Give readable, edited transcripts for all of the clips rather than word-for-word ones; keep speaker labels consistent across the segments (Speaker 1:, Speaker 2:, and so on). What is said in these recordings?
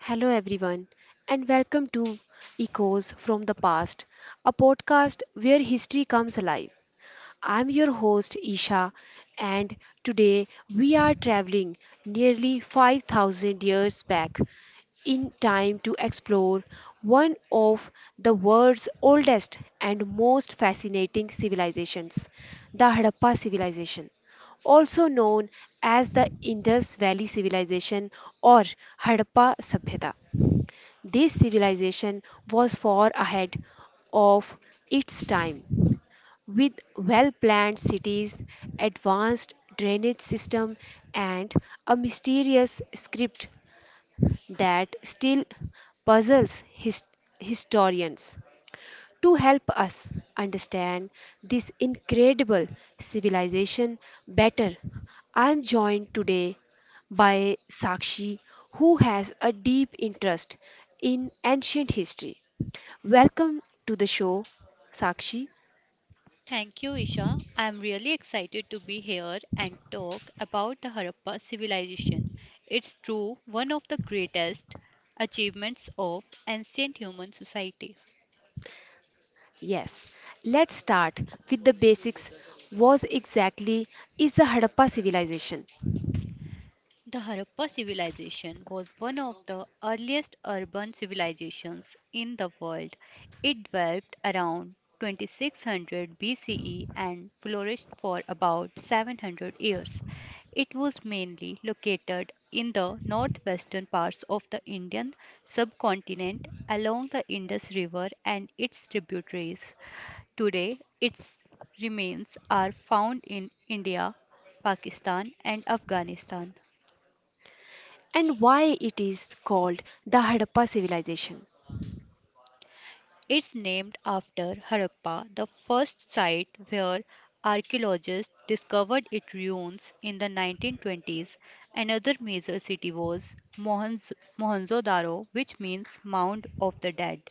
Speaker 1: Hello, everyone, and welcome to Echoes from the Past, a podcast where history comes alive. I'm your host, Isha, and today we are traveling nearly 5,000 years back in time to explore one of the world's oldest and most fascinating civilizations, the Harappa civilization, also known as the Indus Valley Civilization or Harappa Sabhyata. This civilization was far ahead of its time with well planned cities, advanced drainage system, and a mysterious script that still puzzles historians. To help us understand this incredible civilization better, I am joined today by Sakshi, who has a deep interest in ancient history. Welcome to the show, Sakshi.
Speaker 2: Thank you, Isha. I'm really excited to be here and talk about the Harappa civilization. It's true one of the greatest achievements of ancient human society.
Speaker 1: Yes, let's start with the basics. Was exactly is the Harappa civilization?
Speaker 2: The Harappa civilization was one of the earliest urban civilizations in the world. It developed around 2600 BCE and flourished for about 700 years. It was mainly located in the northwestern parts of the Indian subcontinent along the Indus River and its tributaries. Today, its remains are found in India, Pakistan, and Afghanistan.
Speaker 1: And why it is called the Harappa civilization?
Speaker 2: It's named after Harappa, the first site where archaeologists discovered its ruins in the 1920s. Another major city was Mohenjo-daro, which means Mound of the Dead.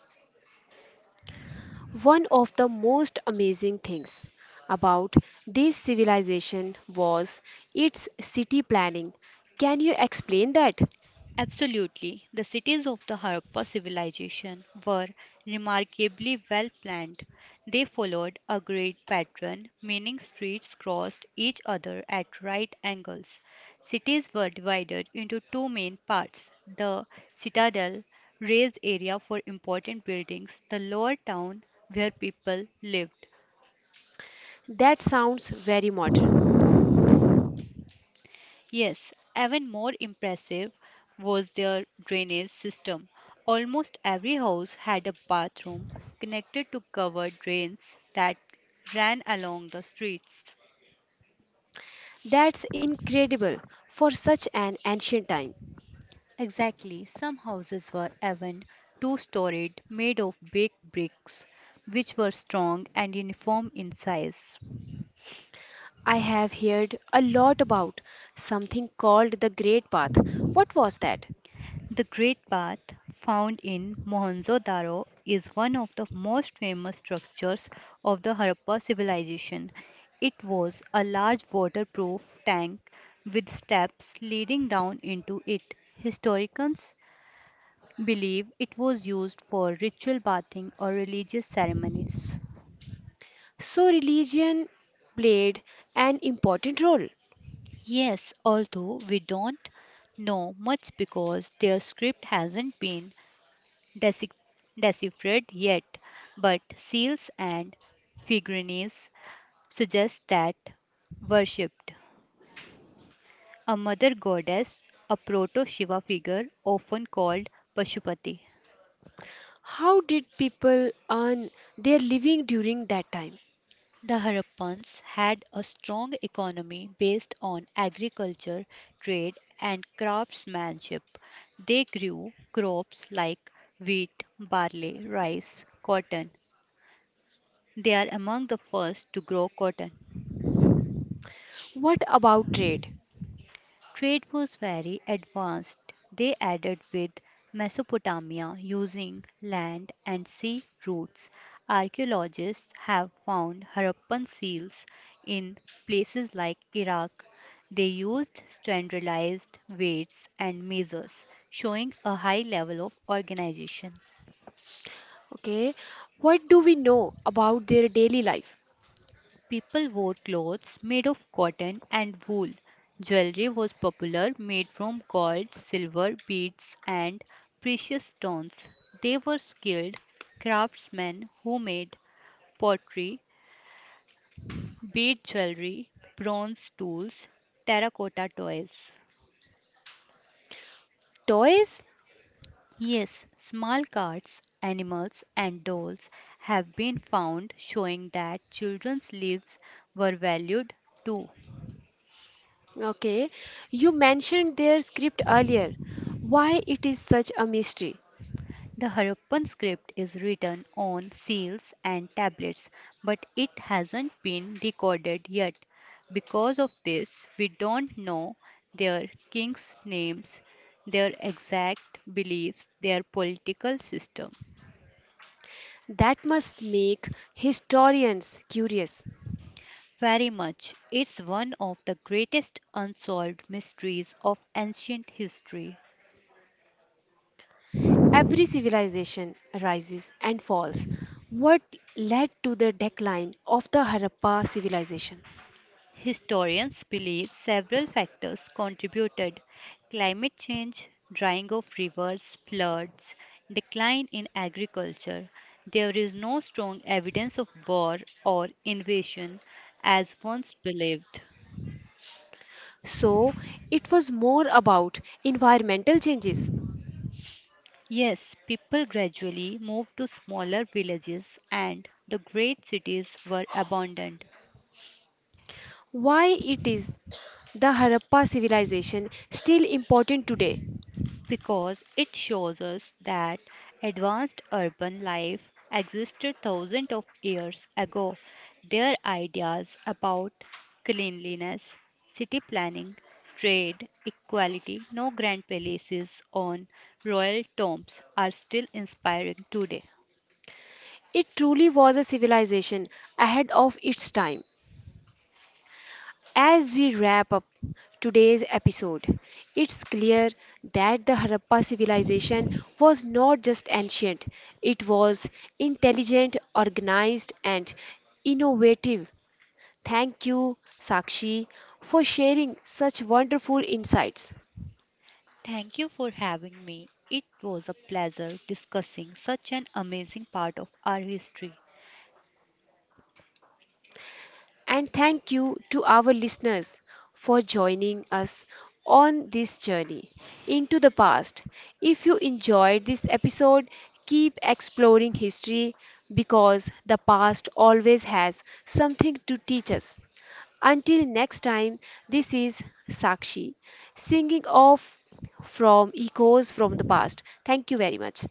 Speaker 1: One of the most amazing things about this civilization was its city planning. Can you explain that?
Speaker 2: Absolutely, the cities of the Harappa civilization were remarkably well planned. They followed a great pattern, meaning streets crossed each other at right angles. Cities were divided into two main parts the citadel, raised area for important buildings, the lower town, where people lived.
Speaker 1: That sounds very modern.
Speaker 2: Yes, even more impressive was their drainage system. Almost every house had a bathroom connected to covered drains that ran along the streets.
Speaker 1: That's incredible for such an ancient time.
Speaker 2: Exactly, some houses were even two storied, made of baked bricks, which were strong and uniform in size.
Speaker 1: I have heard a lot about something called the Great Path. What was that?
Speaker 2: The Great Bath, found in Mohenjo-daro, is one of the most famous structures of the Harappa civilization. It was a large waterproof tank with steps leading down into it. Historians believe it was used for ritual bathing or religious ceremonies.
Speaker 1: So, religion played an important role.
Speaker 2: Yes, although we don't know much because their script hasn't been deci- deciphered yet, but seals and figurines suggest that worshipped a mother goddess, a proto Shiva figure often called Pashupati.
Speaker 1: How did people earn their living during that time?
Speaker 2: The Harappans had a strong economy based on agriculture, trade, and craftsmanship. They grew crops like wheat, barley, rice, cotton. They are among the first to grow cotton.
Speaker 1: What about trade?
Speaker 2: Trade was very advanced. They added with Mesopotamia using land and sea routes. Archaeologists have found Harappan seals in places like Iraq. They used standardized weights and measures, showing a high level of organization.
Speaker 1: Okay, what do we know about their daily life?
Speaker 2: People wore clothes made of cotton and wool. Jewelry was popular, made from gold, silver, beads, and precious stones. They were skilled craftsmen who made pottery, bead jewelry, bronze tools, terracotta toys.
Speaker 1: Toys?
Speaker 2: Yes, small cards, animals, and dolls have been found showing that children's lives were valued too.
Speaker 1: Okay, you mentioned their script earlier. Why it is such a mystery?
Speaker 2: The Harappan script is written on seals and tablets, but it hasn't been recorded yet. Because of this, we don't know their kings' names, their exact beliefs, their political system.
Speaker 1: That must make historians curious.
Speaker 2: Very much. It's one of the greatest unsolved mysteries of ancient history.
Speaker 1: Every civilization rises and falls. What led to the decline of the Harappa civilization?
Speaker 2: Historians believe several factors contributed climate change, drying of rivers, floods, decline in agriculture. There is no strong evidence of war or invasion as once believed.
Speaker 1: So it was more about environmental changes.
Speaker 2: Yes, people gradually moved to smaller villages and the great cities were abandoned.
Speaker 1: Why it is the Harappa civilization still important today?
Speaker 2: Because it shows us that advanced urban life existed thousands of years ago. Their ideas about cleanliness, city planning, trade, equality, no grand palaces on royal tombs are still inspiring today.
Speaker 1: It truly was a civilization ahead of its time. As we wrap up today's episode, it's clear that the Harappa civilization was not just ancient, it was intelligent, organized, and innovative. Thank you, Sakshi, for sharing such wonderful insights.
Speaker 2: Thank you for having me. It was a pleasure discussing such an amazing part of our history.
Speaker 1: And thank you to our listeners for joining us on this journey into the past. If you enjoyed this episode, keep exploring history because the past always has something to teach us. Until next time, this is Sakshi singing off from Echoes from the Past. Thank you very much.